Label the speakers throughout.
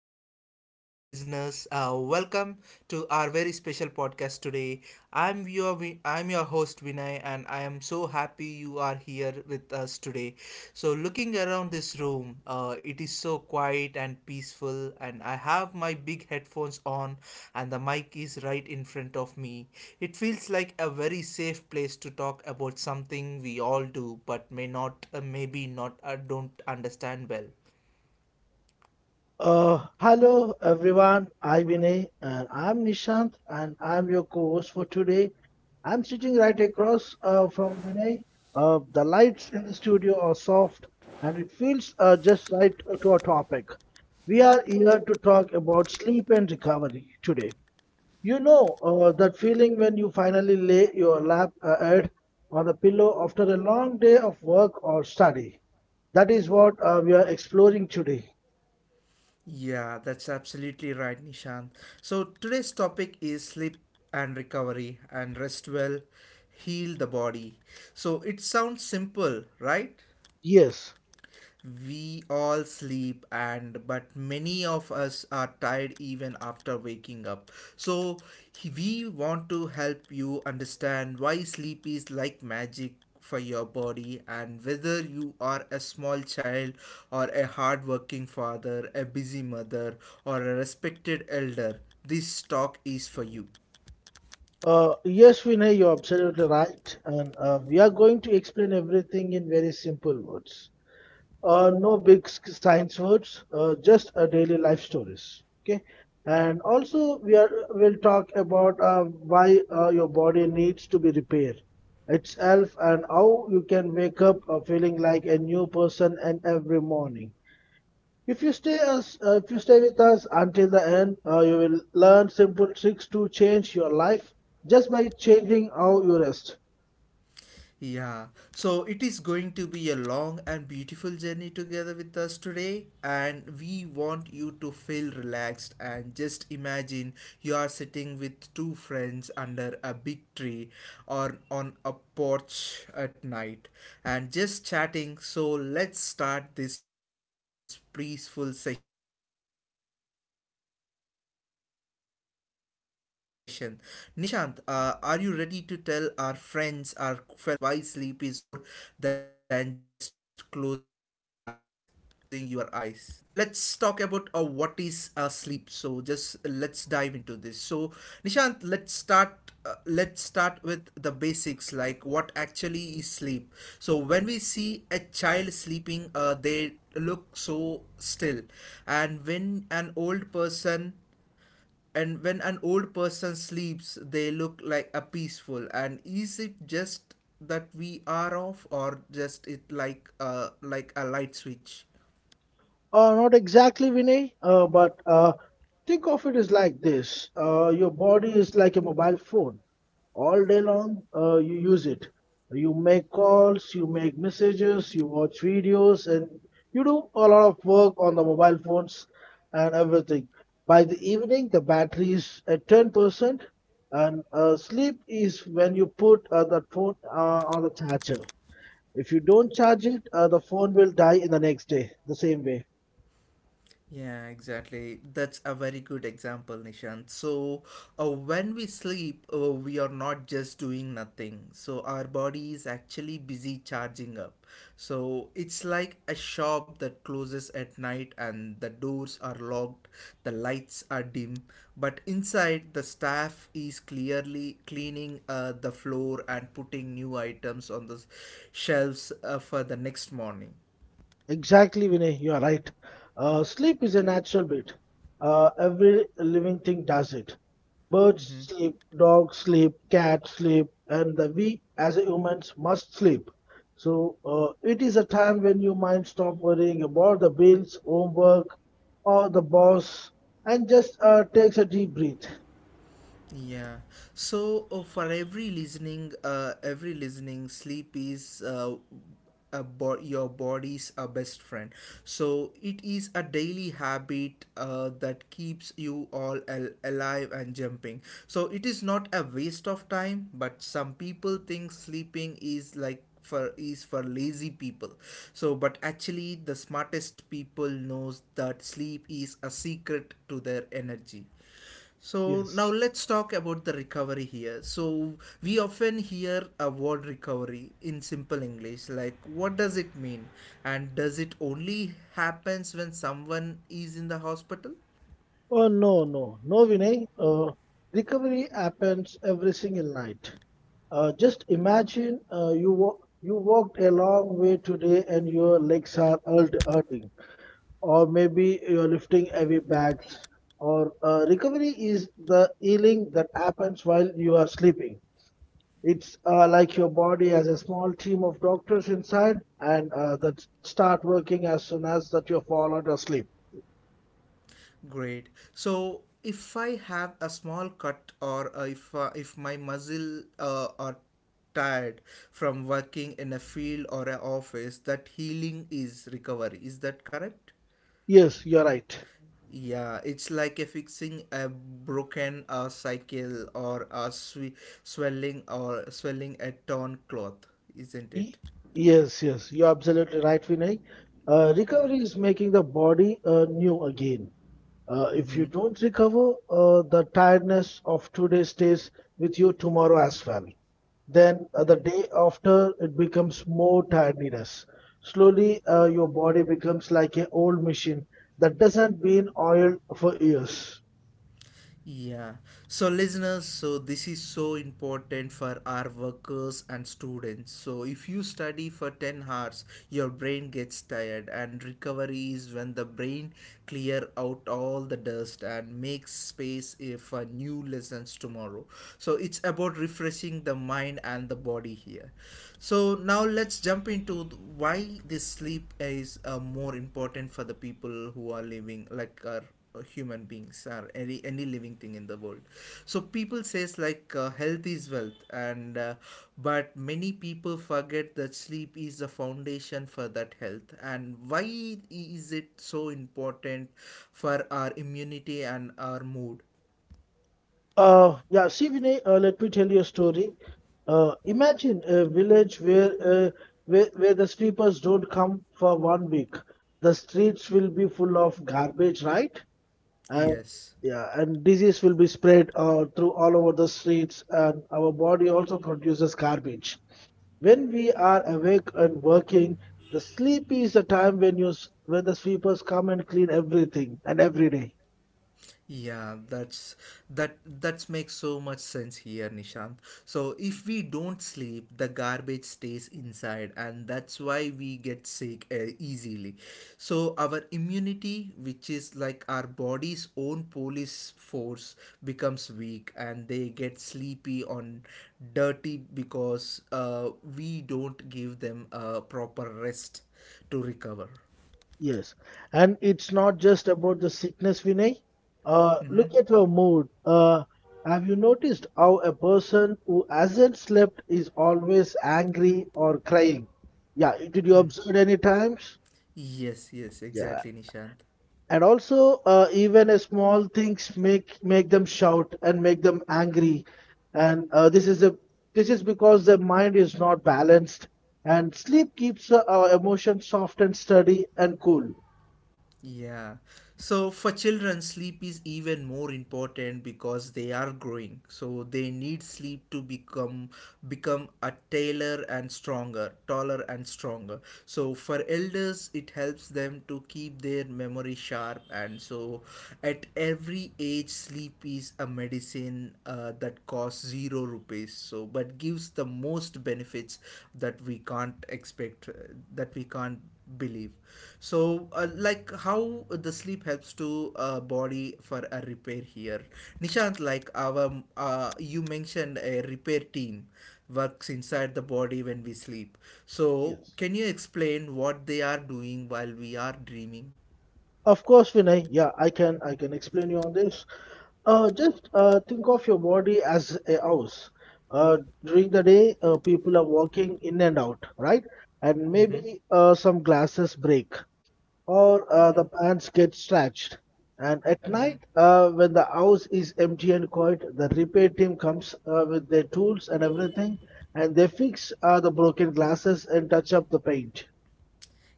Speaker 1: to all our dear listeners. Welcome to our very special podcast today. I'm your host Vinay, and I am so happy you are here with us today. So, looking around this room, it is so quiet and peaceful, and I have my big headphones on, and the mic is right in front of me. It feels like a very safe place to talk about something we all do, but maybe not, don't understand well.
Speaker 2: Hello everyone, I'm Vinay and I'm Nishant and I'm your co-host for today. I'm sitting right across from Vinay. The lights in the studio are soft and it feels just right to our topic. We are here to talk about sleep and recovery today. You know that feeling when you finally lay your lap head on the pillow after a long day of work or study. That is what we are exploring today.
Speaker 1: Yeah, that's absolutely right, Nishant. So today's topic is sleep and recovery, and rest well, heal the body. So it sounds simple, right?
Speaker 2: Yes.
Speaker 1: We all sleep, and but many of us are tired even after waking up. So we want to help you understand why sleep is like magic for your body, and whether you are a small child or a hard-working father, a busy mother or a respected elder, this talk is for you.
Speaker 2: Yes, Vinay, you're absolutely right. And we are going to explain everything in very simple words. No big science words, just a daily life stories. Okay. And also, we are will talk about why your body needs to be repaired itself and how you can wake up feeling like a new person and every morning. If you stay with us until the end, you will learn simple tricks to change your life just by changing how you rest.
Speaker 1: Yeah, so it is going to be a long and beautiful journey together with us today, and we want you to feel relaxed and just imagine you are sitting with two friends under a big tree or on a porch at night and just chatting. So, let's start this peaceful session. Nishant, are you ready to tell our friends, our fellow listeners, why sleep is more than just closing your eyes? Yes, so let's talk about what is sleep. So just let's dive into this. So Nishant, let's start. Let's start with the basics, like what actually is sleep. So when we see a child sleeping, they look so still, and when an old person and when an old person sleeps, they look like a peaceful, and is it just that we are off, or just it like a light switch?
Speaker 2: Not exactly, Vinay, but think of it as like this. Your body is like a mobile phone. All day long, you use it. You make calls, you make messages, you watch videos, and you do a lot of work on the mobile phones and everything. By the evening, the battery is at 10%, and sleep is when you put that phone on the charger. If you don't charge it, the phone will die in the next day, the same way.
Speaker 1: Yeah, exactly. That's a very good example, Nishant. So, when we sleep, we are not just doing nothing. So, our body is actually busy charging up. So, it's like a shop that closes at night, and the doors are locked, the lights are dim, but inside, the staff is clearly cleaning the floor and putting new items on the shelves for the next morning.
Speaker 2: Exactly, Vinay, you are right. Sleep is a natural bit. Every living thing does it. Birds
Speaker 1: Mm-hmm.
Speaker 2: sleep, dogs sleep, cats sleep, and the we as humans must sleep. So it is a time when your mind stop worrying about the bills, homework, or the boss, and just takes a deep breath.
Speaker 1: Yeah. So for every listening, sleep is your body's a best friend. So it is a daily habit that keeps you alive and jumping. So it is not a waste of time, but some people think sleeping is like for is for lazy people, so but actually the smartest people knows that sleep is a secret to their energy. So now
Speaker 2: Yes.
Speaker 1: let's talk about the recovery here. So we often hear a word recovery in simple English, like what does it mean, and does it only happens when someone is in the hospital?
Speaker 2: Oh no, no, no, Vinay. Recovery happens every single night. Just imagine you walked a long way today and your legs are hurting, or maybe you're lifting heavy bags. Or recovery is the healing that happens while you are sleeping. It's like your body has a small team of doctors inside, and that start working as soon as that you fall out of sleep.
Speaker 1: Great. So if I have a small cut, or if my muscle or tired from working in a field or an office, that healing is recovery, is that correct?
Speaker 2: Yes, you're right.
Speaker 1: Yeah, it's like a fixing a broken cycle, or a swelling, or swelling a torn cloth, isn't
Speaker 2: Y-
Speaker 1: it?
Speaker 2: Yes, yes, you're absolutely right, Vinay. Recovery is making the body new again. If you
Speaker 1: Mm-hmm.
Speaker 2: don't recover, the tiredness of today stays with you tomorrow as well. Then the day after, it becomes more tiredness. Slowly, your body becomes like an old machine that doesn't been oiled for years.
Speaker 1: Yeah. So, listeners, so this is so important for our workers and students. So, if you study for 10 hours, your brain gets tired, and recovery is when the brain clear out all the dust and makes space, for new lessons tomorrow. So, it's about refreshing the mind and the body here. So, now let's jump into why this sleep is more important for the people who are living, like our human beings or any living thing in the world. So people says like health is wealth, and but many people forget that sleep is the foundation for that health. And why is it so important for our immunity and our mood?
Speaker 2: Yeah, see, Vinay, let me tell you a story. Imagine a village where the sweepers don't come for 1 week. The streets will be full of garbage, right? And
Speaker 1: Yes.
Speaker 2: yeah, and disease will be spread through all over the streets, and our body also produces garbage when we are awake and working. The sleep is the time when when the sweepers come and clean everything and every day.
Speaker 1: Yeah, that that's makes so much sense here, Nishant. So if we don't sleep, the garbage stays inside, and that's why we get sick easily. So our immunity, which is like our body's own police force, becomes weak, and they get sleepy on dirty, because we don't give them a proper rest to recover.
Speaker 2: Yes, and it's not just about the sickness, Vinay. Uh,
Speaker 1: Mm-hmm.
Speaker 2: look at your mood. Have you noticed how a person who hasn't slept is always angry or crying? Yeah, did you
Speaker 1: Mm.
Speaker 2: observe any times?
Speaker 1: Yes, yes,
Speaker 2: Yeah,
Speaker 1: exactly, Nishant.
Speaker 2: and also even a small things make them shout and make them angry, and this is because their mind is not balanced, and sleep keeps our emotions soft and steady and cool.
Speaker 1: Yeah. So for children, sleep is even more important because they are growing. So they need sleep to become a tailor and stronger, taller and stronger. So for elders, it helps them to keep their memory sharp. And so at every age, sleep is a medicine that costs zero rupees. So but gives the most benefits that we can't expect, that we can't believe. So like how the sleep helps to body for a repair here, Nishant. Like our you mentioned a repair team works inside the body when we sleep. So
Speaker 2: Yes.
Speaker 1: can you explain what they are doing while we are dreaming?
Speaker 2: Of course, Vinay, yeah, I can explain you on this. Just think of your body as a house. Uh, during the day, people are walking in and out, right? And
Speaker 1: Mm-hmm.
Speaker 2: maybe some glasses break. Or the pants get stretched. And at night, when the house is empty and quiet, the repair team comes with their tools and everything, and they fix the broken glasses and touch up the paint.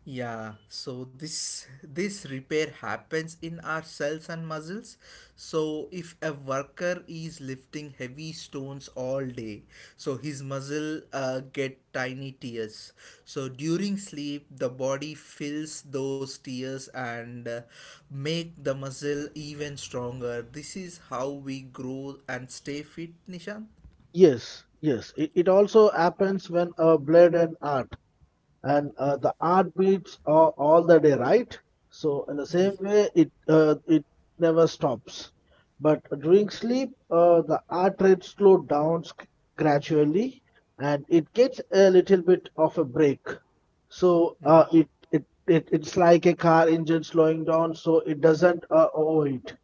Speaker 1: Yeah, so this repair happens in our cells and muscles. So if a worker is lifting heavy stones all day, so his muscle get tiny tears. So during sleep, the body fills those tears and make the muscle even stronger. This is how we grow and stay fit, Nishan.
Speaker 2: Yes, yes, it also happens when blade and art. And the art beats are all the day, right? So in the
Speaker 1: Yeah.
Speaker 2: same way, it never stops. But during sleep, the heart rate slows down gradually, and it gets a little bit of a break. So it's like a car engine slowing down, so it doesn't overheat.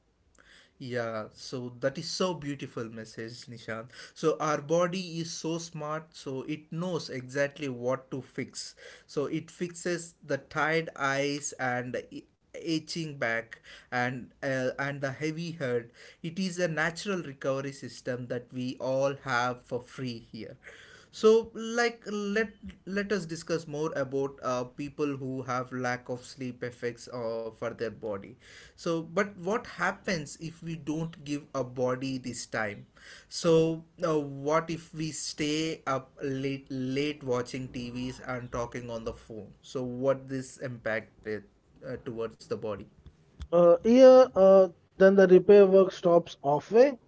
Speaker 1: Yeah, so that is so beautiful message, Nishant. So our body is so smart, so it knows exactly what to fix. So it fixes the tired eyes and itching back and the heavy head. It is a natural recovery system that we all have for free here. So like, let us discuss more about people who have lack of sleep effects for their body. So but what happens if we don't give a body this time? So what if we stay up late watching TVs and talking on the phone, so what this impact it, towards the body?
Speaker 2: Uh, here, uh, then the repair work stops halfway.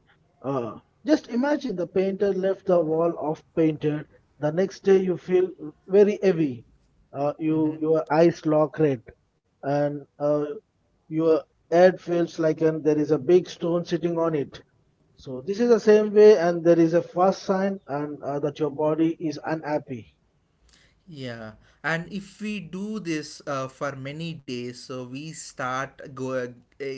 Speaker 2: Uh, just imagine the painter left the wall off painted. The next day you feel very heavy. Uh,
Speaker 1: Mm-hmm.
Speaker 2: you your eyes lock red, and your head feels like an, there is a big stone sitting on it. So this is the same way, and there is a first sign and that your body is unhappy.
Speaker 1: Yeah, and if we do this for many days, so we start go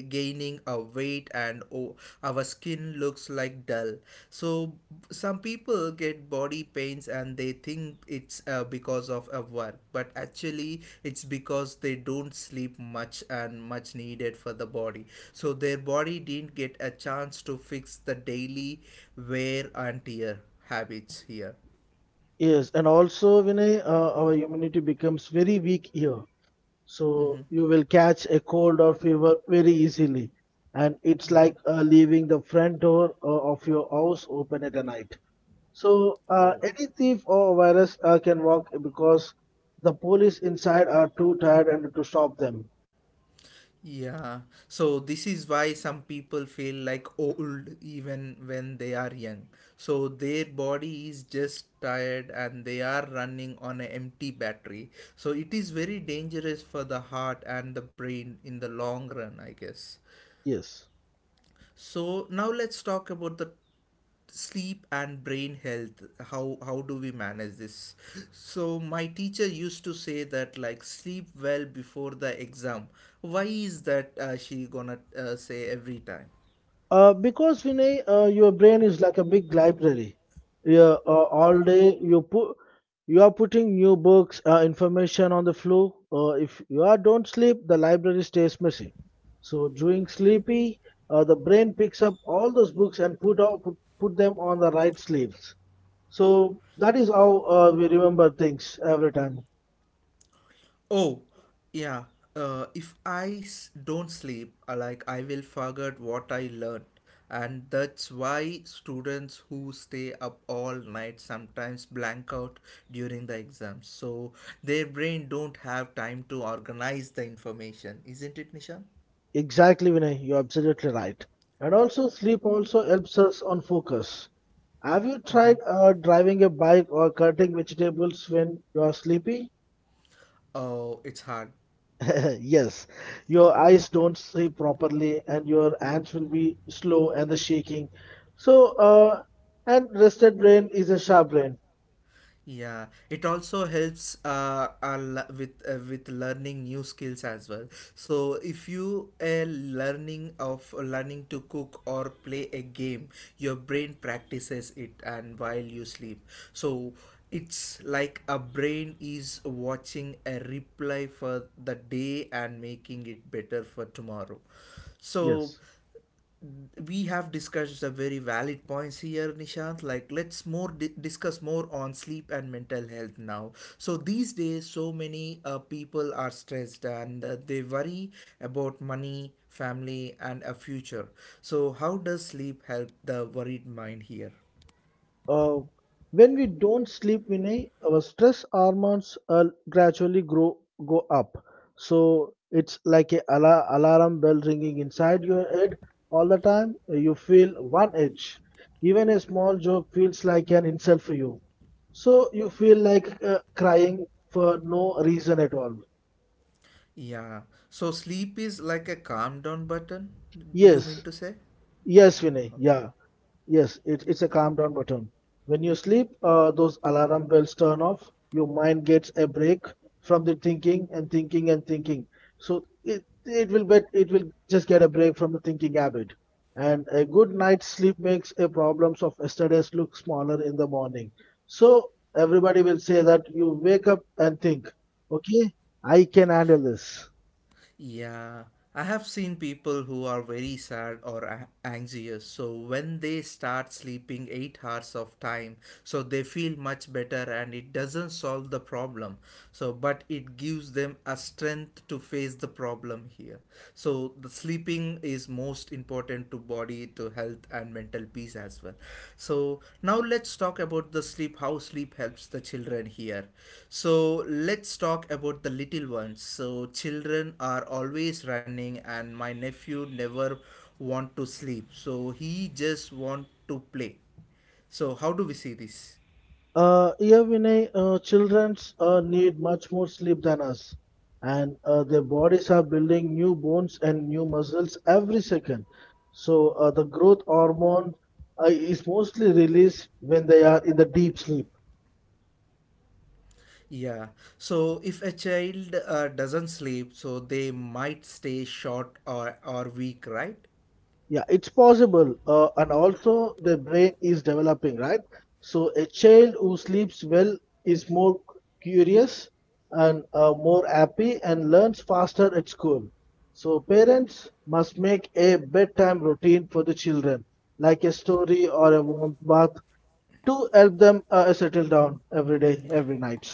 Speaker 1: gaining a weight, and oh, our skin looks like dull. So some people get body pains, and they think it's because of work, but actually it's because they don't sleep much and much needed for the body. So their body didn't get a chance to fix the daily wear and tear habits here.
Speaker 2: Yes, and also Vinay, our immunity becomes very weak here. So
Speaker 1: Mm-hmm,
Speaker 2: you will catch a cold or fever very easily, and it's
Speaker 1: mm-hmm.
Speaker 2: like leaving the front door of your house open at a night. So
Speaker 1: Oh.
Speaker 2: any thief or virus can walk because the police inside are too tired and to stop them.
Speaker 1: Yeah, so this is why some people feel like old even when they are young. So their body is just tired, and they are running on an empty battery. So it is very dangerous for the heart and the brain in the long run, I guess.
Speaker 2: Yes.
Speaker 1: So now let's talk about the sleep and brain health. How do we manage this? So my teacher used to say that like sleep well before the exam. Why is that she gonna say every time?
Speaker 2: Because Vinay, your brain is like a big library. Yeah, all day you put you are putting new books, information on the flow. If you are don't sleep, the library stays messy. So during sleepy, the brain picks up all those books and put them on the right sleeves. So that is how we remember things every time.
Speaker 1: Oh, yeah. If I don't sleep, like I will forget what I learned, and that's why students who stay up all night sometimes blank out during the exams. So their brain don't have time to organize the information, isn't it, Nisha?
Speaker 2: Exactly, Vinay, you're absolutely right. And also sleep also helps us on focus. Have you
Speaker 1: Mm-hmm.
Speaker 2: tried driving a bike or cutting vegetables when you are sleepy?
Speaker 1: Oh, it's hard.
Speaker 2: Yes, your eyes don't see properly and your hands will be slow and the shaking. So, uh, and rested brain is a sharp brain.
Speaker 1: Yeah, it also helps with learning new skills as well. So if you are learning to cook or play a game, your brain practices it and while you sleep. So it's like a brain is watching a replay for the day and making it better for tomorrow. So
Speaker 2: Yes.
Speaker 1: we have discussed some very valid points here, Nishant. Like let's discuss more on sleep and mental health now. So these days, so many people are stressed, and they worry about money, family, and a future. So how does sleep help the worried mind here?
Speaker 2: Uh, when we don't sleep, Vinay, our stress hormones gradually grow go up. So it's like a alarm bell ringing inside your head all the time. You feel one edge. Even a small joke feels like an insult for you. So you feel like crying for no reason at all.
Speaker 1: Yeah, so sleep is like a calm down button, do you mean
Speaker 2: Yes,
Speaker 1: to say?
Speaker 2: yes, Vinay.
Speaker 1: Yeah, okay.
Speaker 2: Yeah. Yes, it's a calm down button. When you sleep, those alarm bells turn off. Your mind gets a break from the thinking and thinking and thinking. So it will just get a break from the thinking habit. And a good night's sleep makes a problems of yesterday's look smaller in the morning. So everybody will say that you wake up and think, okay, I can handle this.
Speaker 1: Yeah, I have seen people who are very sad or anxious. So when they start sleeping 8 hours of time, so they feel much better, and it doesn't solve the problem. So but it gives them a strength to face the problem here. So the sleeping is most important important to body, to health, and mental peace as well. So now let's talk about the sleep, how sleep helps the children here. So let's talk about the little ones. So children are always running, and my nephew never want to sleep, so he just want to play. So how do we see this?
Speaker 2: Yeah, Vinay, childrens need much more sleep than us, and their bodies are building new bones and new muscles every second. So the growth hormone is mostly released when they are in the deep sleep.
Speaker 1: Yeah. So if a child doesn't sleep, so they might stay short, or weak, right?
Speaker 2: Yeah, it's possible. And also, the brain is developing, right? So, a child who sleeps well is more curious and more happy and learns faster at school. So, parents must make a bedtime routine for the children, like a story or a warm bath, to help them settle down every day, every night.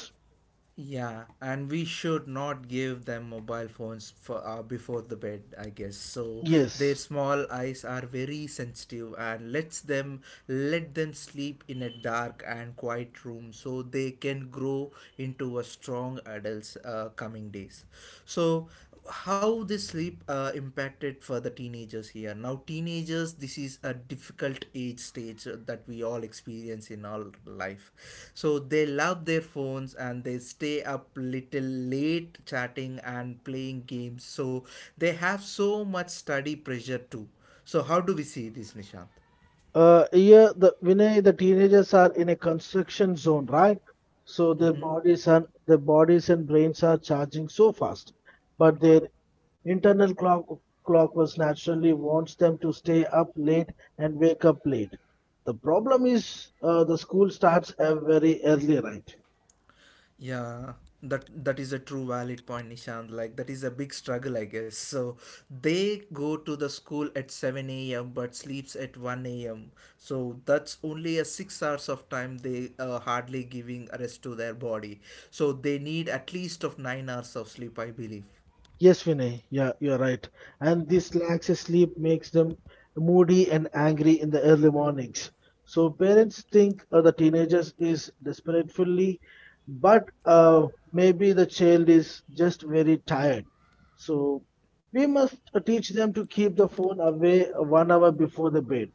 Speaker 1: Yeah, and we should not give them mobile phones for, before the bed, I guess. So their
Speaker 2: Yes.
Speaker 1: small eyes are very sensitive, and let them sleep in a dark and quiet room, so they can grow into a strong adults coming days. So how this sleep impacted for the teenagers here? Now teenagers, this is a difficult age stage that we all experience in our life. So they love their phones and they stay up little late chatting and playing games. So they have so much study pressure too. So how do we see this, Nishant?
Speaker 2: Yeah, the Vinay, the teenagers are in a construction zone, right? So
Speaker 1: Mm-hmm.
Speaker 2: their bodies and brains are charging so fast, but their internal clock was naturally wants them to stay up late and wake up late. The problem is, the school starts very early, right?
Speaker 1: Yeah, that is a true valid point, Nishant. Like that is a big struggle, I guess. So they go to the school at seven a.m. but sleeps at one a.m. So that's only a 6 hours of time they hardly giving rest to their body. So they need at least of 9 hours of sleep, I believe.
Speaker 2: Yes, Vinay, yeah, you're right. And this lack of sleep makes them moody and angry in the early mornings. So parents think the teenagers is desperately, but maybe the child is just very tired. So we must teach them to keep the phone away 1 hour before the bed.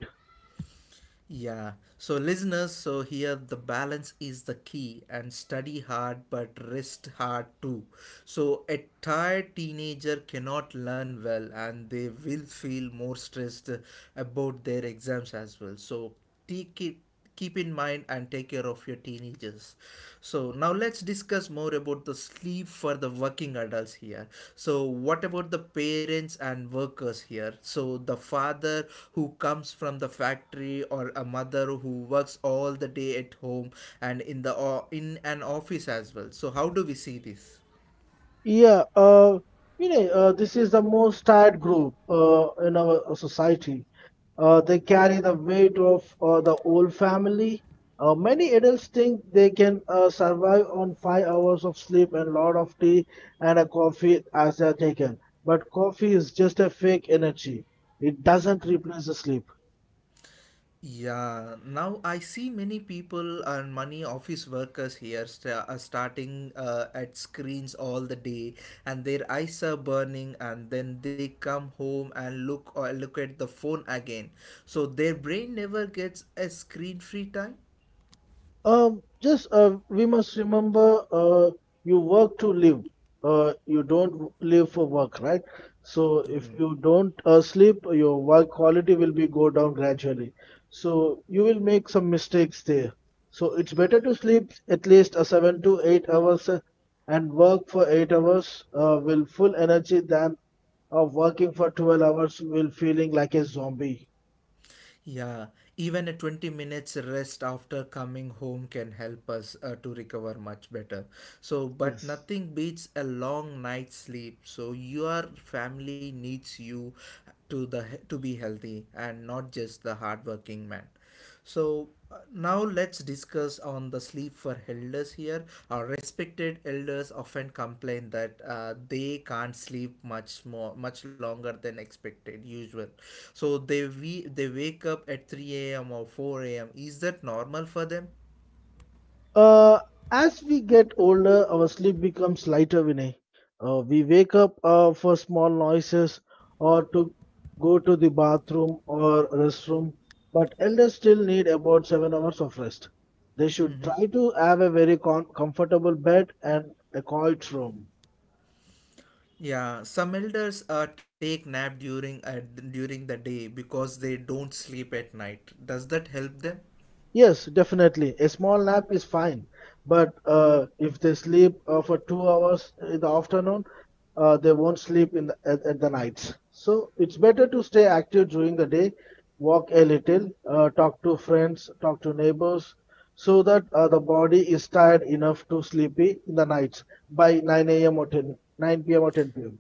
Speaker 1: Yeah. So, listeners, so here the balance is the key, and study hard but rest hard too. So, a tired teenager cannot learn well and they will feel more stressed about their exams as well. So, take it keep in mind and take care of your teenagers. So now let's discuss more about the sleep for the working adults here. So what about the parents and workers here? So the father who comes from the factory, or a mother who works all the day at home and in the in an office as well. So how do we see this?
Speaker 2: Yeah, this is the most tired group in our society. They carry the weight of the whole family. Many adults think they can survive on 5 hours of sleep and a lot of tea and a coffee as they are taken. But coffee is just a fake energy. It doesn't replace the sleep.
Speaker 1: Yeah, now I see many people and many office workers here sta are starting at screens all the day, and their eyes are burning, and then they come home and look at the phone again. So their brain never gets a screen-free time.
Speaker 2: Just We must remember you work to live. You don't live for work, right? So if
Speaker 1: Mm-hmm.
Speaker 2: you don't sleep, your work quality will be go down gradually. So you will make some mistakes there. So it's better to sleep at least 7 to 8 hours and work for 8 hours with full energy than of working for 12 hours will feeling like a zombie.
Speaker 1: Yeah, even a 20 minutes rest after coming home can help us to recover much better. So, but
Speaker 2: Yes.
Speaker 1: nothing beats a long night's sleep. So, your family needs you to be healthy and not just the hardworking man. So now let's discuss on the sleep for elders here. Our respected elders often complain that they can't sleep much more, much longer than expected usual. So they wake up at three a.m. or four a.m. Is that normal for them?
Speaker 2: Uh, as we get older, our sleep becomes lighter, Vinay. We wake up for small noises or to go to the bathroom or restroom, but elders still need about 7 hours of rest. They should
Speaker 1: Mm-hmm.
Speaker 2: try to have a very comfortable bed and a quiet room.
Speaker 1: Yeah, some elders take nap during the day because they don't sleep at night. Does that help them?
Speaker 2: Yes, definitely. A small nap is fine, but if they sleep for 2 hours in the afternoon, they won't sleep in at the nights. So it's better to stay active during the day, walk a little, talk to friends, talk to neighbors, so that the body is tired enough to sleepy in the nights by 9 a.m. or 10, 9 p.m. or 10 p.m.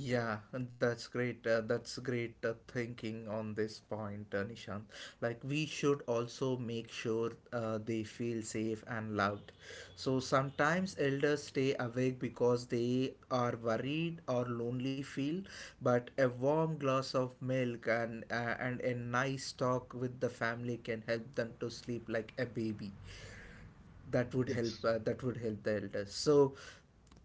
Speaker 1: Yeah, and that's great. That's great thinking on this point, Nishant. Like, we should also make sure they feel safe and loved. So, sometimes elders stay awake because they are worried or lonely, feel, but a warm glass of milk and a nice talk with the family can help them to sleep like a baby. That would help
Speaker 2: Yes.
Speaker 1: the elders. So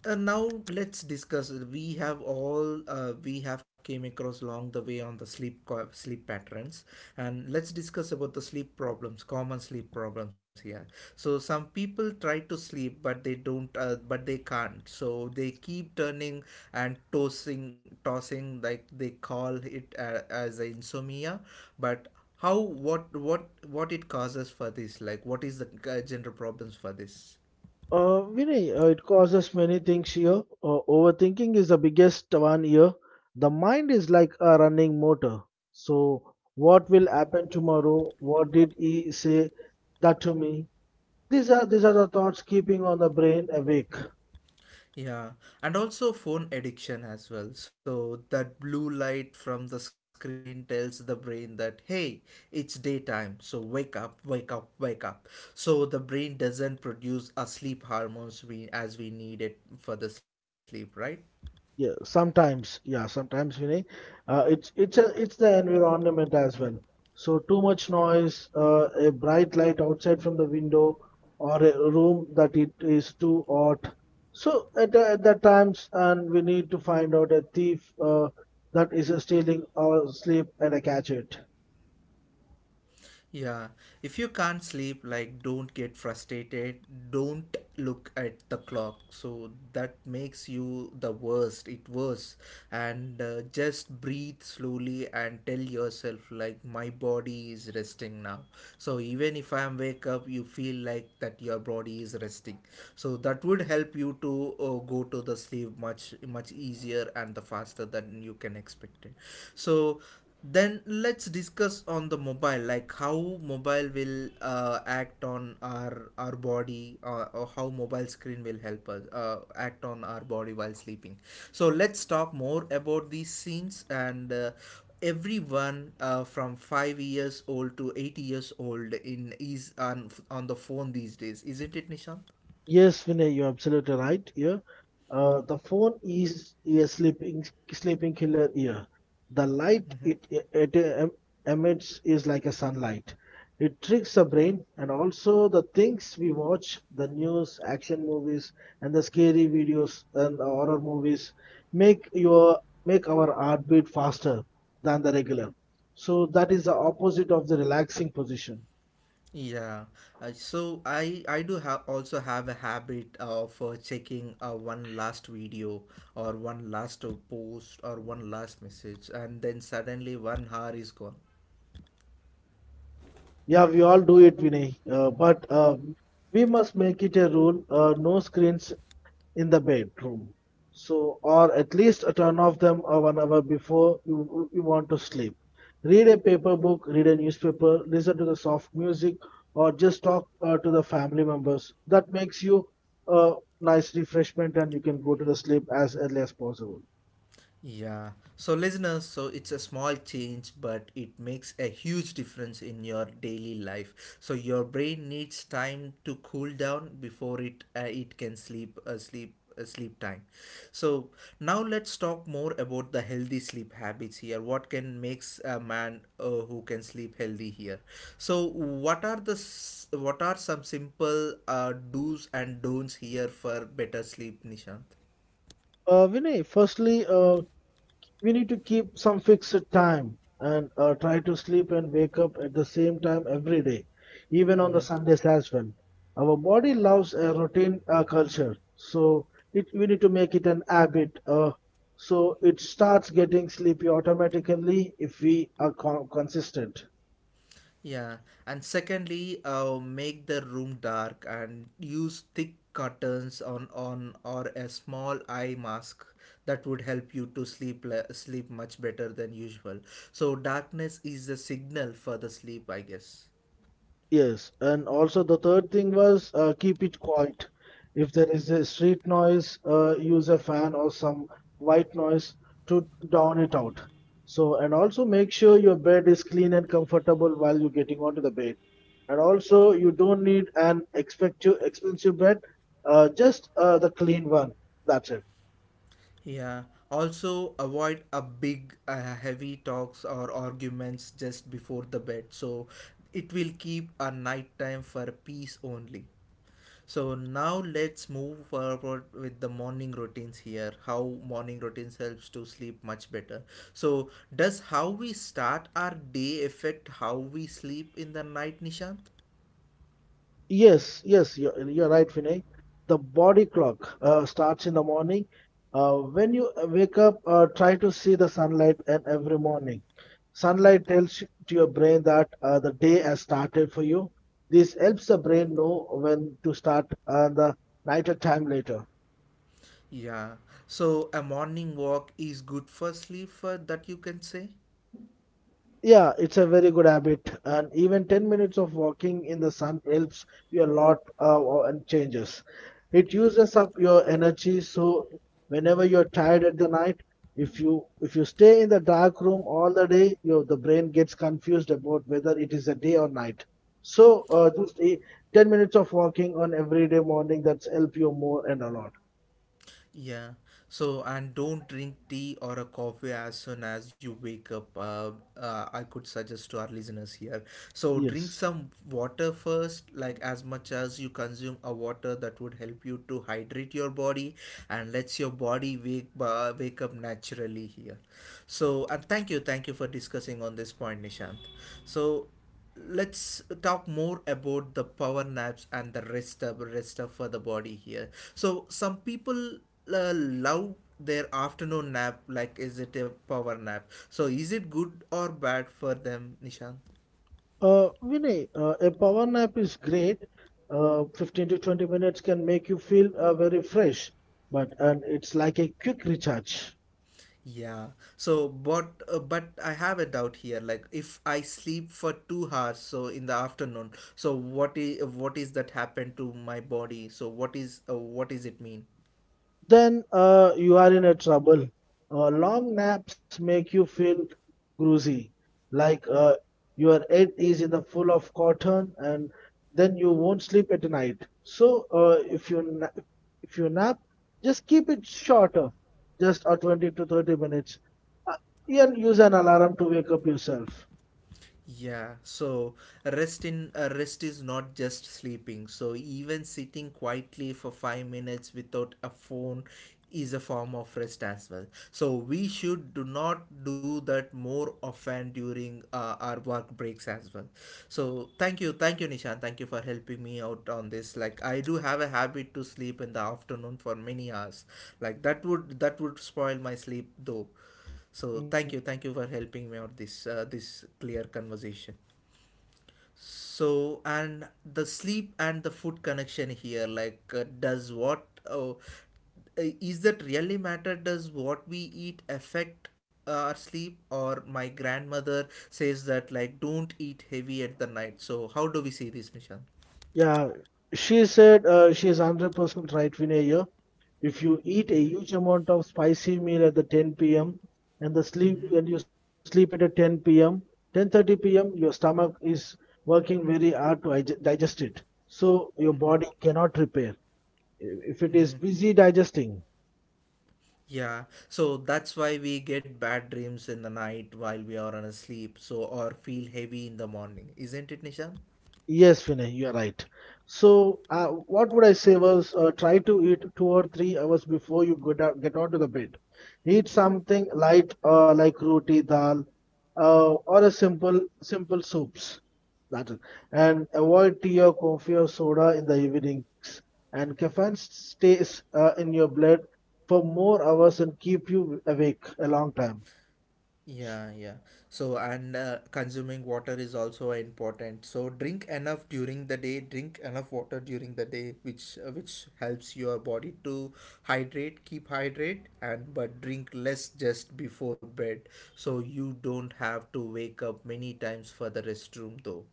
Speaker 1: now let's discuss, we have came across along the way on the sleep patterns, and let's discuss about the sleep problems common sleep problems here. So some people try to sleep but they don't but they can't, so they keep turning and tossing, like they call it as a insomnia. But how, what it causes for this? Like what is the general problems for this?
Speaker 2: Vinay, it causes many things here. Overthinking is the biggest one here. The mind is like a running motor. So, what will happen tomorrow? What did he say that to me? These are the thoughts keeping on the brain awake.
Speaker 1: Yeah, and also phone addiction as well. So that blue light from the screen tells the brain that hey, it's daytime, so wake up. So the brain doesn't produce a sleep hormones we as we need it for the sleep, right?
Speaker 2: Yeah, sometimes, yeah, sometimes, it's the environment as well. So too much noise, a bright light outside from the window, or a room that it is too hot. So at that times, and we need to find out a thief that is stealing our sleep and a catch it.
Speaker 1: Yeah, if you can't sleep, like don't get frustrated, don't look at the clock. So that makes you it worse. And just breathe slowly and tell yourself, like, my body is resting now. So even if I am wake up, you feel like that your body is resting. So that would help you to go to the sleep much, much easier and the faster than you can expect it. So then let's discuss on the mobile, like how mobile will act on our body or how mobile screen will help us act on our body while sleeping. So let's talk more about these scenes, and everyone from 5 years old to 80 years old in is on the phone these days, isn't it, Nishant?
Speaker 2: Yes, Vinay, you're absolutely right. Yeah. The phone is a sleeping killer here. The light it emits is like a sunlight. It tricks the brain and also the things we watch, the news, action movies, and the scary videos and the horror movies make your make our heartbeat faster than the regular. So that is the opposite of the relaxing position.
Speaker 1: Yeah, so I do have also have a habit of checking one last video, or one last post, or one last message, and then suddenly one hour is gone.
Speaker 2: Yeah, we all do it, Vinay. But we must make it a rule: no screens in the bedroom. So, or at least turn off them 1 hour before you want to sleep. Read a paper book, read a newspaper, listen to the soft music, or just talk to the family members. That makes you a nice refreshment and you can go to the sleep as early as possible.
Speaker 1: Yeah. So, listeners, so it's a small change, but it makes a huge difference in your daily life. So, your brain needs time to cool down before it can sleep time. So, now let's talk more about the healthy sleep habits here. What can makes a man who can sleep healthy here? So, what are some simple do's and don'ts here for better sleep, Nishant?
Speaker 2: Vinay, firstly, we need to keep some fixed time and try to sleep and wake up at the same time every day, even on the
Speaker 1: Mm-hmm.
Speaker 2: Sundays as well. Our body loves a routine culture, so we need to make it an habit. So it starts getting sleepy automatically if we are consistent.
Speaker 1: Yeah, and secondly, make the room dark and use thick curtains on or a small eye mask that would help you to sleep much better than usual. So darkness is the signal for the sleep, I guess.
Speaker 2: Yes, and also the third thing was keep it quiet. If there is a street noise, use a fan or some white noise to drown it out. So, and also make sure your bed is clean and comfortable while you're getting onto the bed. And also, you don't need an expect expensive bed, just the clean one. That's it.
Speaker 1: Yeah. Also, avoid a big, heavy talks or arguments just before the bed. So it will keep a nighttime for peace only. So now let's move forward with the morning routines here. How morning routines helps to sleep much better. So does how we start our day affect how we sleep in the night, Nishant?
Speaker 2: Yes, yes, you're right, Vinay. The body clock starts in the morning. When you wake up, try to see the sunlight and every morning. Sunlight tells to your brain that the day has started for you. This helps the brain know when to start the nighter time later.
Speaker 1: Yeah. So a morning walk is good for sleep, that you can say.
Speaker 2: Yeah, it's a very good habit, and even 10 minutes of walking in the sun helps you a lot and changes. It uses up your energy, so whenever you're tired at the night, if you stay in the dark room all the day, your the brain gets confused about whether it is a day or night. So just 10 minutes of walking on every day morning that's help you more and a lot.
Speaker 1: Yeah. So, and don't drink tea or a coffee as soon as you wake up. I could suggest to our listeners here. So, drink
Speaker 2: Yes.
Speaker 1: some water first, like as much as you consume a water that would help you to hydrate your body, and lets your body wake up naturally here. So and thank you, for discussing on this point, Nishant. So let's talk more about the power naps and the rest up for the body here. So some people love their afternoon nap, like is it a power nap? So is it good or bad for them, Nishant?
Speaker 2: Vinay, a power nap is great. 15 to 20 minutes can make you feel very fresh, but and it's like a quick recharge.
Speaker 1: Yeah. So, but I have a doubt here. Like, if I sleep for 2 hours, so in the afternoon, so what is that happen to my body? So, what is it mean?
Speaker 2: Then you are in a trouble. Long naps make you feel groozy, like your head is in the full of cotton, and then you won't sleep at night. So If you nap, just keep it shorter, just a 20 to 30 minutes. And use an alarm to wake up yourself.
Speaker 1: Yeah, so rest is not just sleeping. So even sitting quietly for 5 minutes without a phone is a form of rest as well. So we should do not do that more often during our work breaks as well. So thank you, thank you, Nishan, thank you for helping me out on this. Like I do have a habit to sleep in the afternoon for many hours. Like that would spoil my sleep though. So
Speaker 2: Mm.
Speaker 1: thank you for helping me out this this clear conversation. So and the sleep and the food connection here, like uh, is that really matter? Does what we eat affect our sleep? Or my grandmother says that, like, don't eat heavy at the night. So how do we see this, Nishant?
Speaker 2: Yeah, she said she is 100% right, Vinay. Here. If you eat a
Speaker 1: Mm-hmm,
Speaker 2: huge amount of spicy meal at the 10 p.m. and the sleep
Speaker 1: mm-hmm,
Speaker 2: and you sleep at a 10 p.m., 10:30 p.m., your stomach is working very hard to digest it. So your body cannot repair if it is
Speaker 1: mm-hmm.
Speaker 2: busy digesting.
Speaker 1: Yeah, so that's why we get bad dreams in the night while we are on a sleep, so, or feel heavy in the morning, isn't it, Nisha?
Speaker 2: Yes, Vinay, you are right. So, what would I say was try to eat 2 or 3 hours before you get onto the bed. Eat something light, like roti, dal, or a simple soups. That is- and avoid tea or coffee or soda in the evenings. And caffeine stays in your blood for more hours and keep you awake a long time.
Speaker 1: Yeah, yeah. So, and consuming water is also important. So, Drink enough water during the day, which helps your body to keep hydrate, and but drink less just before bed, so you don't have to wake up many times for the restroom though.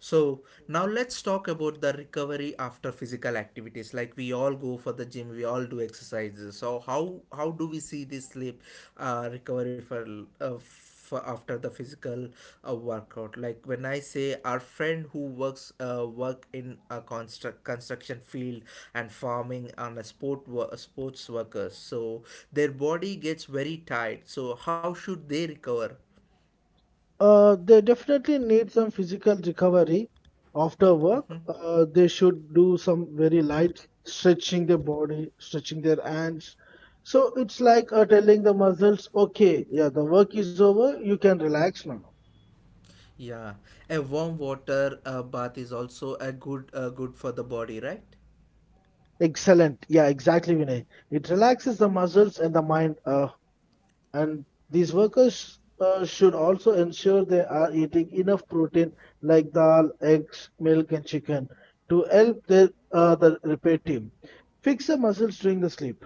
Speaker 1: So, now let's talk about the recovery after physical activities, like we all go for the gym, we all do exercises. So how do we see this sleep recovery for after the physical workout? Like when I say our friend who work in a construction field and farming and a sports workers. So their body gets very tired. So how should they recover?
Speaker 2: They definitely need some physical recovery after
Speaker 1: Mhm.
Speaker 2: work. They should do some very light stretching their body, stretching their hands. So it's like telling the muscles, okay, yeah, the work is over, you can relax now.
Speaker 1: Yeah, a warm water bath is also a good for the body, right?
Speaker 2: Excellent. Yeah, exactly, Vinay. It relaxes the muscles and the mind. And these workers should also ensure they are eating enough protein like dal, eggs, milk, and chicken to help their, the repair team fix the muscles during the sleep.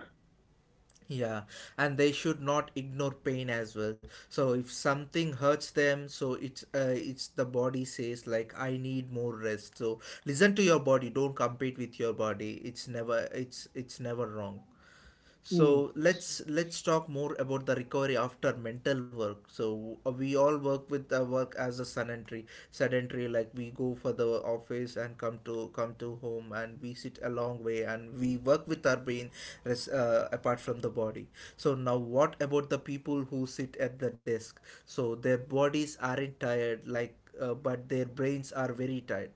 Speaker 1: Yeah, and they should not ignore pain as well. So if something hurts them, so it's the body says like I need more rest. So listen to your body. Don't compete with your body. It's never it's never wrong.
Speaker 2: Mm.
Speaker 1: So let's talk more about the recovery after mental work. So we all work with the work as a sedentary, like we go for the office and come to home, and we sit a long way and we work with our brain, apart from the body. So now what about the people who sit at the desk, so their bodies aren't tired like, but their brains are very tired.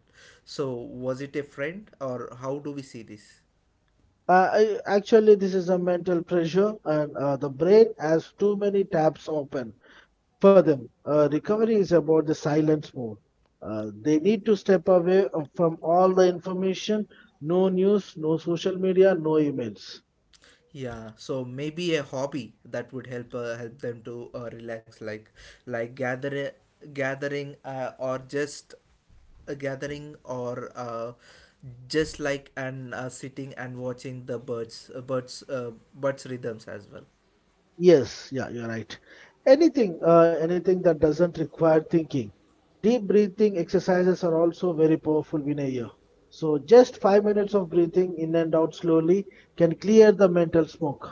Speaker 1: So was it a friend, or how do we see this?
Speaker 2: Actually, this is a mental pressure, and the brain has too many tabs open for them. Recovery is about the silence mode. They need to step away from all the information, no news, no social media, no emails.
Speaker 1: Yeah, so maybe a hobby that would help help them to relax, like like gathering or just a gathering, or just like, and sitting and watching the birds, birds rhythms as well.
Speaker 2: Yes, yeah, you're right. Anything, anything that doesn't require thinking. Deep breathing exercises are also very powerful, Vinaya. So just 5 minutes of breathing in and out slowly can clear the mental smoke.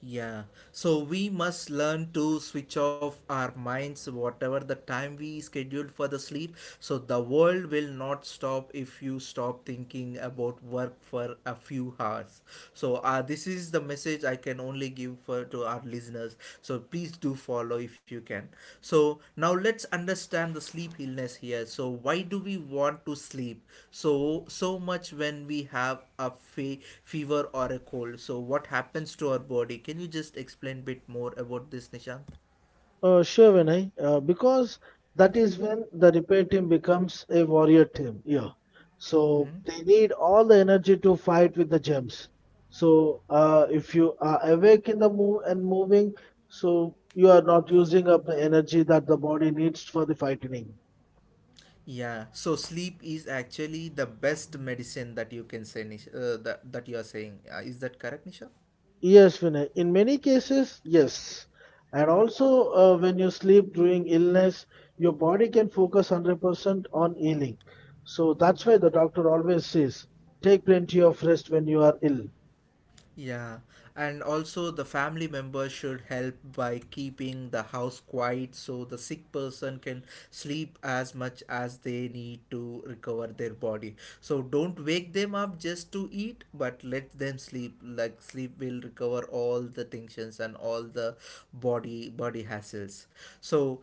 Speaker 1: Yeah, so we must learn to switch off our minds whatever the time we scheduled for the sleep. So the world will not stop if you stop thinking about work for a few hours. So this is the message I can only give for to our listeners illness. So please do follow if you can. So now let's understand the sleep illness here. So why do we want to sleep so much when we have a fever or a cold? So what happens to our body? Can you just explain a bit more about this, Nishant?
Speaker 2: Sure, Vinay. Because that is when the repair team becomes a warrior team. Yeah. So
Speaker 1: Hmm.
Speaker 2: they need all the energy to fight with the gems. So if you are awake in the move and moving, so you are not using up the energy that the body needs for the fighting.
Speaker 1: Yeah. So sleep is actually the best medicine that you can say, that you are saying. Is that correct, Nisha?
Speaker 2: Yes, Vinay. In many cases, yes. And also, when you sleep during illness, your body can focus 100% on healing. So that's why the doctor always says, take plenty of rest when you are ill.
Speaker 1: Yeah, and also the family members should help by keeping the house quiet so the sick person can sleep as much as they need to recover their body. So don't wake them up just to eat, but let them sleep. Like sleep will recover all the tensions and all the body hassles. So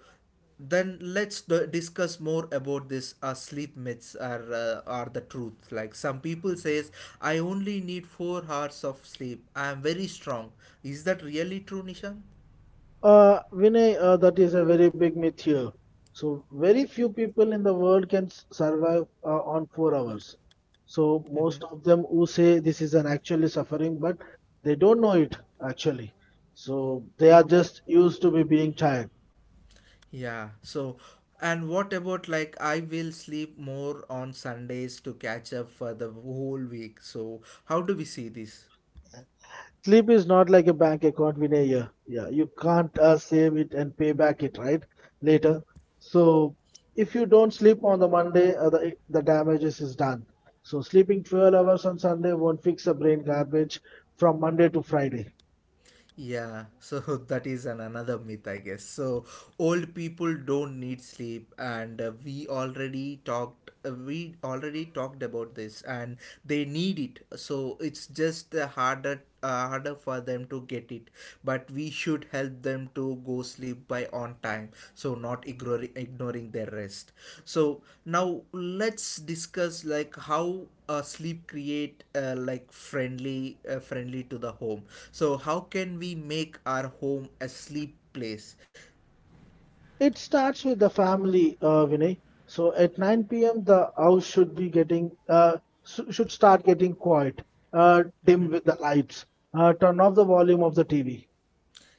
Speaker 1: then let's discuss more about this sleep myths, are the truth, like some people says, I only need 4 hours of sleep, I am very strong. Is that really true, Nishan?
Speaker 2: Vinay, that is a very big myth here. So very few people in the world can survive on 4 hours. So
Speaker 1: Mm-hmm.
Speaker 2: most of them who say this is an actually suffering, but they don't know it actually. So they are just used to be being tired.
Speaker 1: Yeah, so and what about like, I will sleep more on Sundays to catch up for the whole week? So how do we see this?
Speaker 2: Sleep is not like a bank account, Vinay. Yeah, yeah. You can't save it and pay back it right later. So if you don't sleep on the Monday, the damages is done. So sleeping 12 hours on Sunday won't fix the brain garbage from Monday to Friday.
Speaker 1: Yeah, so that is an another myth, I guess. So old people don't need sleep, and we already talked about this, and they need it. So it's just harder for them to get it. But we should help them to go sleep by on time, so not ignoring their rest. So now let's discuss like how sleep create like friendly to the home. So how can we make our home a sleep place?
Speaker 2: It starts with the family, Vinay. So at 9 p.m. the house should be getting should start getting quiet. Dim with the lights. Turn off the volume of the TV.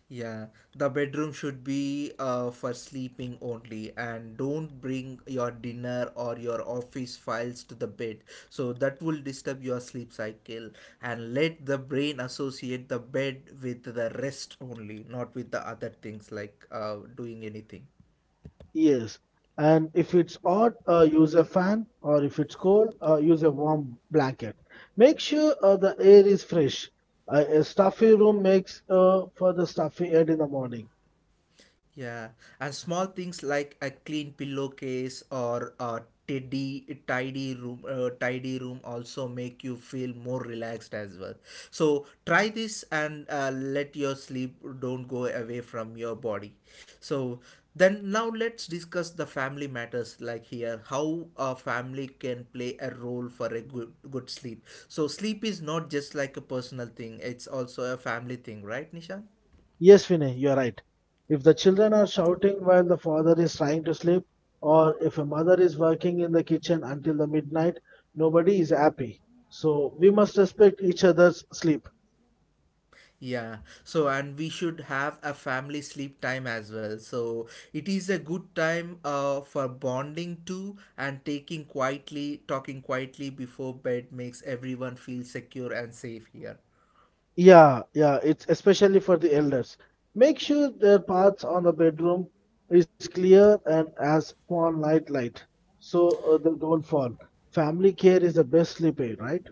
Speaker 1: Yeah, the bedroom should be for sleeping only, and don't bring your dinner or your office files to the bed. So that will disturb your sleep cycle. And let the brain associate the bed with the rest only, not with the other things like doing anything.
Speaker 2: Yes, and if it's hot, use a fan, or if it's cold, use a warm blanket. Make sure the air is fresh. A stuffy room makes for the stuffy head in the morning.
Speaker 1: Yeah, and small things like a clean pillowcase or a tidy room also make you feel more relaxed as well. So try this and let your sleep don't go away from your body. So then now let's discuss the family matters, like here how a family can play a role for a good sleep. So sleep is not just like a personal thing; it's also a family thing, right, Nishan?
Speaker 2: Yes, Vinay, you're right. If the children are shouting while the father is trying to sleep, or if a mother is working in the kitchen until the midnight, nobody is happy. So we must respect each other's sleep.
Speaker 1: Yeah. So, and we should have a family sleep time as well. So it is a good time for bonding too, and taking quietly, talking quietly before bed makes everyone feel secure and safe here.
Speaker 2: Yeah, yeah, it's especially for the elders. Make sure their paths on the bedroom is clear and as for night light, so they don't fall. Family care is the best sleep aid, right?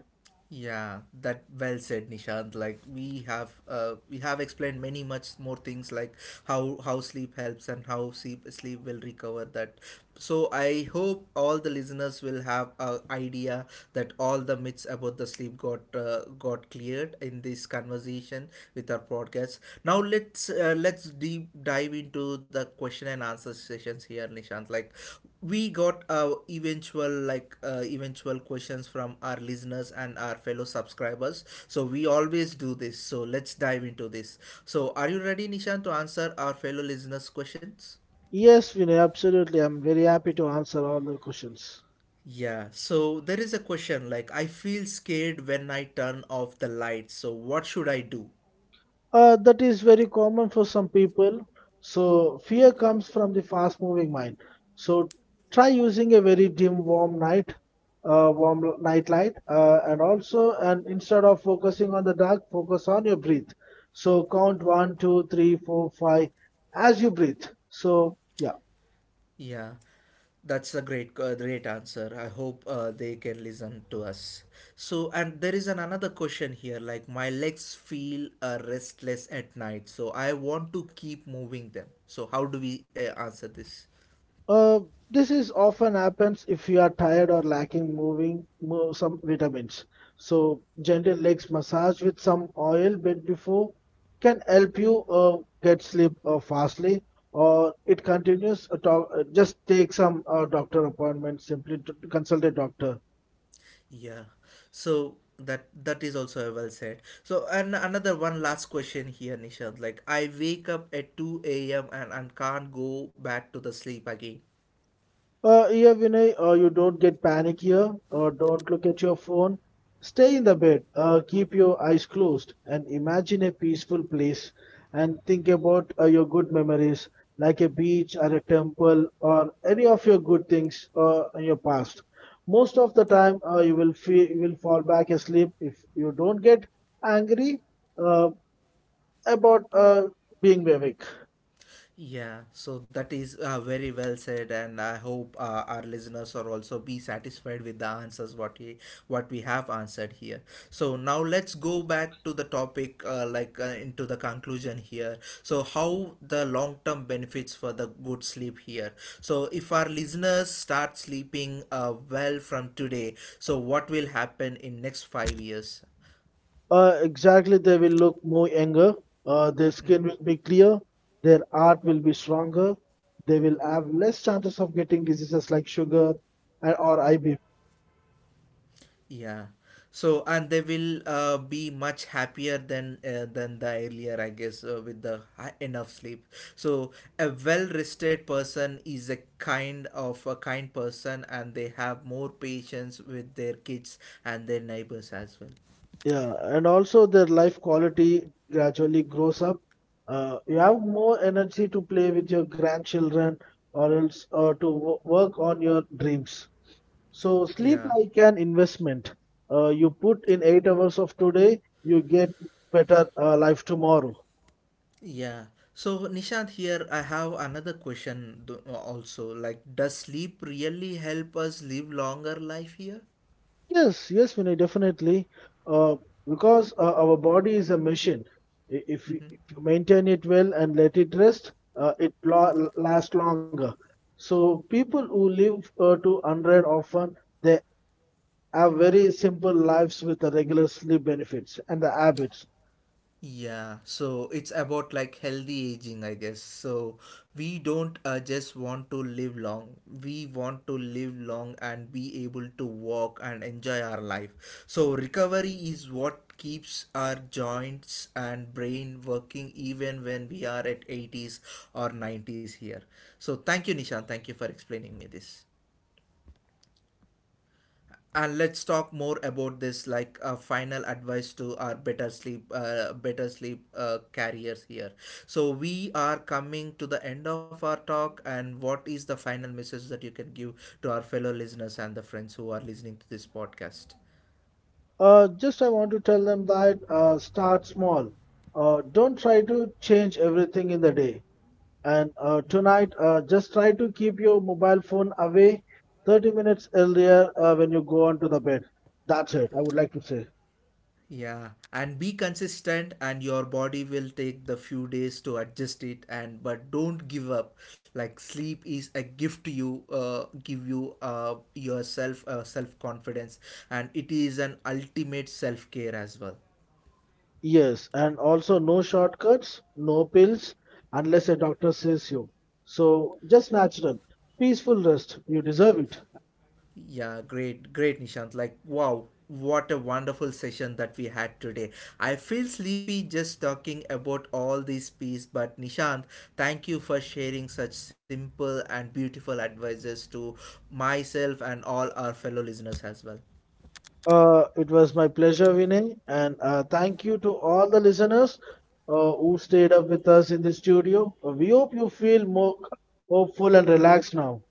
Speaker 1: Yeah, that well said, Nishant. Like we have explained many much more things like how sleep helps and how sleep will recover that. So I hope all the listeners will have a idea that all the myths about the sleep got cleared in this conversation with our podcast. Now let's deep dive into the question and answer sessions here, Nishant. Like we got eventual questions from our listeners and our fellow subscribers. So we always do this, so let's dive into this. So are you ready, Nishan, to answer our fellow listeners questions?
Speaker 2: Yes, Vinay, absolutely. I'm very happy to answer all the questions.
Speaker 1: Yeah, so there is a question like, I feel scared when I turn off the lights, so what should I do?
Speaker 2: That is very common for some people. So fear comes from the fast-moving mind. So try using a very dim, warm night, warm l- night light, and also, and instead of focusing on the dark, focus on your breath. So count one, two, three, four, five as you breathe. So yeah.
Speaker 1: Yeah. That's a great answer. I hope they can listen to us. So, and there is an another question here. Like my legs feel restless at night, so I want to keep moving them. So how do we answer this?
Speaker 2: Uh, this is often happens if you are tired or lacking some vitamins. So gentle legs massage with some oil bit before can help you get sleep fastly or it continues just take some doctor appointment simply to consult a doctor.
Speaker 1: Yeah. So that is also well said. So, and another one last question here, Nishant. Like I wake up at two a.m. And can't go back to the sleep again.
Speaker 2: Yeah, Vinay, you don't get panic here. Don't look at your phone. Stay in the bed. Keep your eyes closed and imagine a peaceful place and think about your good memories, like a beach or a temple or any of your good things in your past. Most of the time, you will feel you will fall back asleep if you don't get angry uh, about being awake.
Speaker 1: Yeah, so that is very well said, and I hope our listeners are also be satisfied with the answers what we have answered here. So now let's go back to the topic, into the conclusion here. So how the long term benefits for the good sleep here. So if our listeners start sleeping well from today, so what will happen in next 5 years?
Speaker 2: Exactly, they will look more younger. Their skin will be clear. Their art will be stronger. They will have less chances of getting diseases like sugar and or IB.
Speaker 1: Yeah. So and they will be much happier than the earlier, I guess, with enough sleep. So a well rested person is a kind of a kind person, and they have more patience with their kids and their neighbors as well.
Speaker 2: Yeah, and also their life quality gradually grows up. You have more energy to play with your grandchildren or else to work on your dreams. So sleep
Speaker 1: Yeah,
Speaker 2: like an investment. You put in 8 hours of today, you get better life tomorrow.
Speaker 1: yeah. So Nishant, here I have another question also. Like, does sleep really help us live longer life here?
Speaker 2: Yes, yes, Vinay, definitely. Uh, because our body is a machine.
Speaker 1: Mm-hmm.
Speaker 2: If you maintain it well and let it rest, it lo lasts longer. So people who live to 100 often, they have very simple lives with the regular sleep benefits and the habits.
Speaker 1: Yeah, so it's about like healthy aging, I guess. So we don't just want to live long. We want to live long and be able to walk and enjoy our life. So recovery is what keeps our joints and brain working even when we are at 80s or 90s here. So thank you, Nishan. Thank you for explaining me this, and let's talk more about this like final advice to our better sleep carriers here. So we are coming to the end of our talk, and what is the final message that you can give to our fellow listeners and the friends who are listening to this podcast?
Speaker 2: Just I want to tell them that start small. Don't try to change everything in the day. And tonight, just try to keep your mobile phone away 30 minutes earlier when you go onto the bed. That's it, I would like to say.
Speaker 1: Yeah, and be consistent, and your body will take the few days to adjust it. And but don't give up. Like sleep is a gift to you, give you yourself self confidence, and it is an ultimate self care as well.
Speaker 2: Yes, and also no shortcuts, no pills, unless a doctor says you. So just natural, peaceful rest. You deserve it.
Speaker 1: Yeah, great, great, Nishant. Like, wow, what a wonderful session that we had today. I feel sleepy just talking about all these pieces, but Nishant, thank you for sharing such simple and beautiful advices to myself and all our fellow listeners as well.
Speaker 2: It was my pleasure, Vinay, and thank you to all the listeners who stayed up with us in the studio. We hope you feel more hopeful and relaxed now.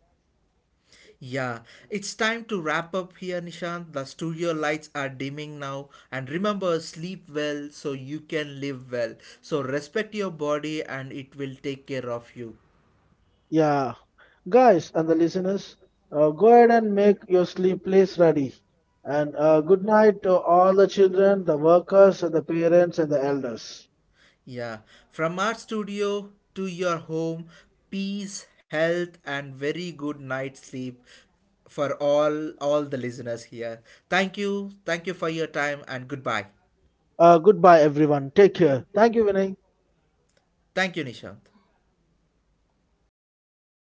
Speaker 1: Yeah, it's time to wrap up here, Nishant. The studio lights are dimming now. And remember, sleep well so you can live well. So respect your body and it will take care of you.
Speaker 2: Yeah, guys and the listeners, go ahead and make your sleep place ready. And good night to all the children, the workers, and the parents, and the elders.
Speaker 1: Yeah, from our studio to your home, peace, health, and very good night sleep for all the listeners here. Thank you for your time, and goodbye.
Speaker 2: Goodbye, everyone. Take care. Thank you, Vinay.
Speaker 1: Thank you, Nishant.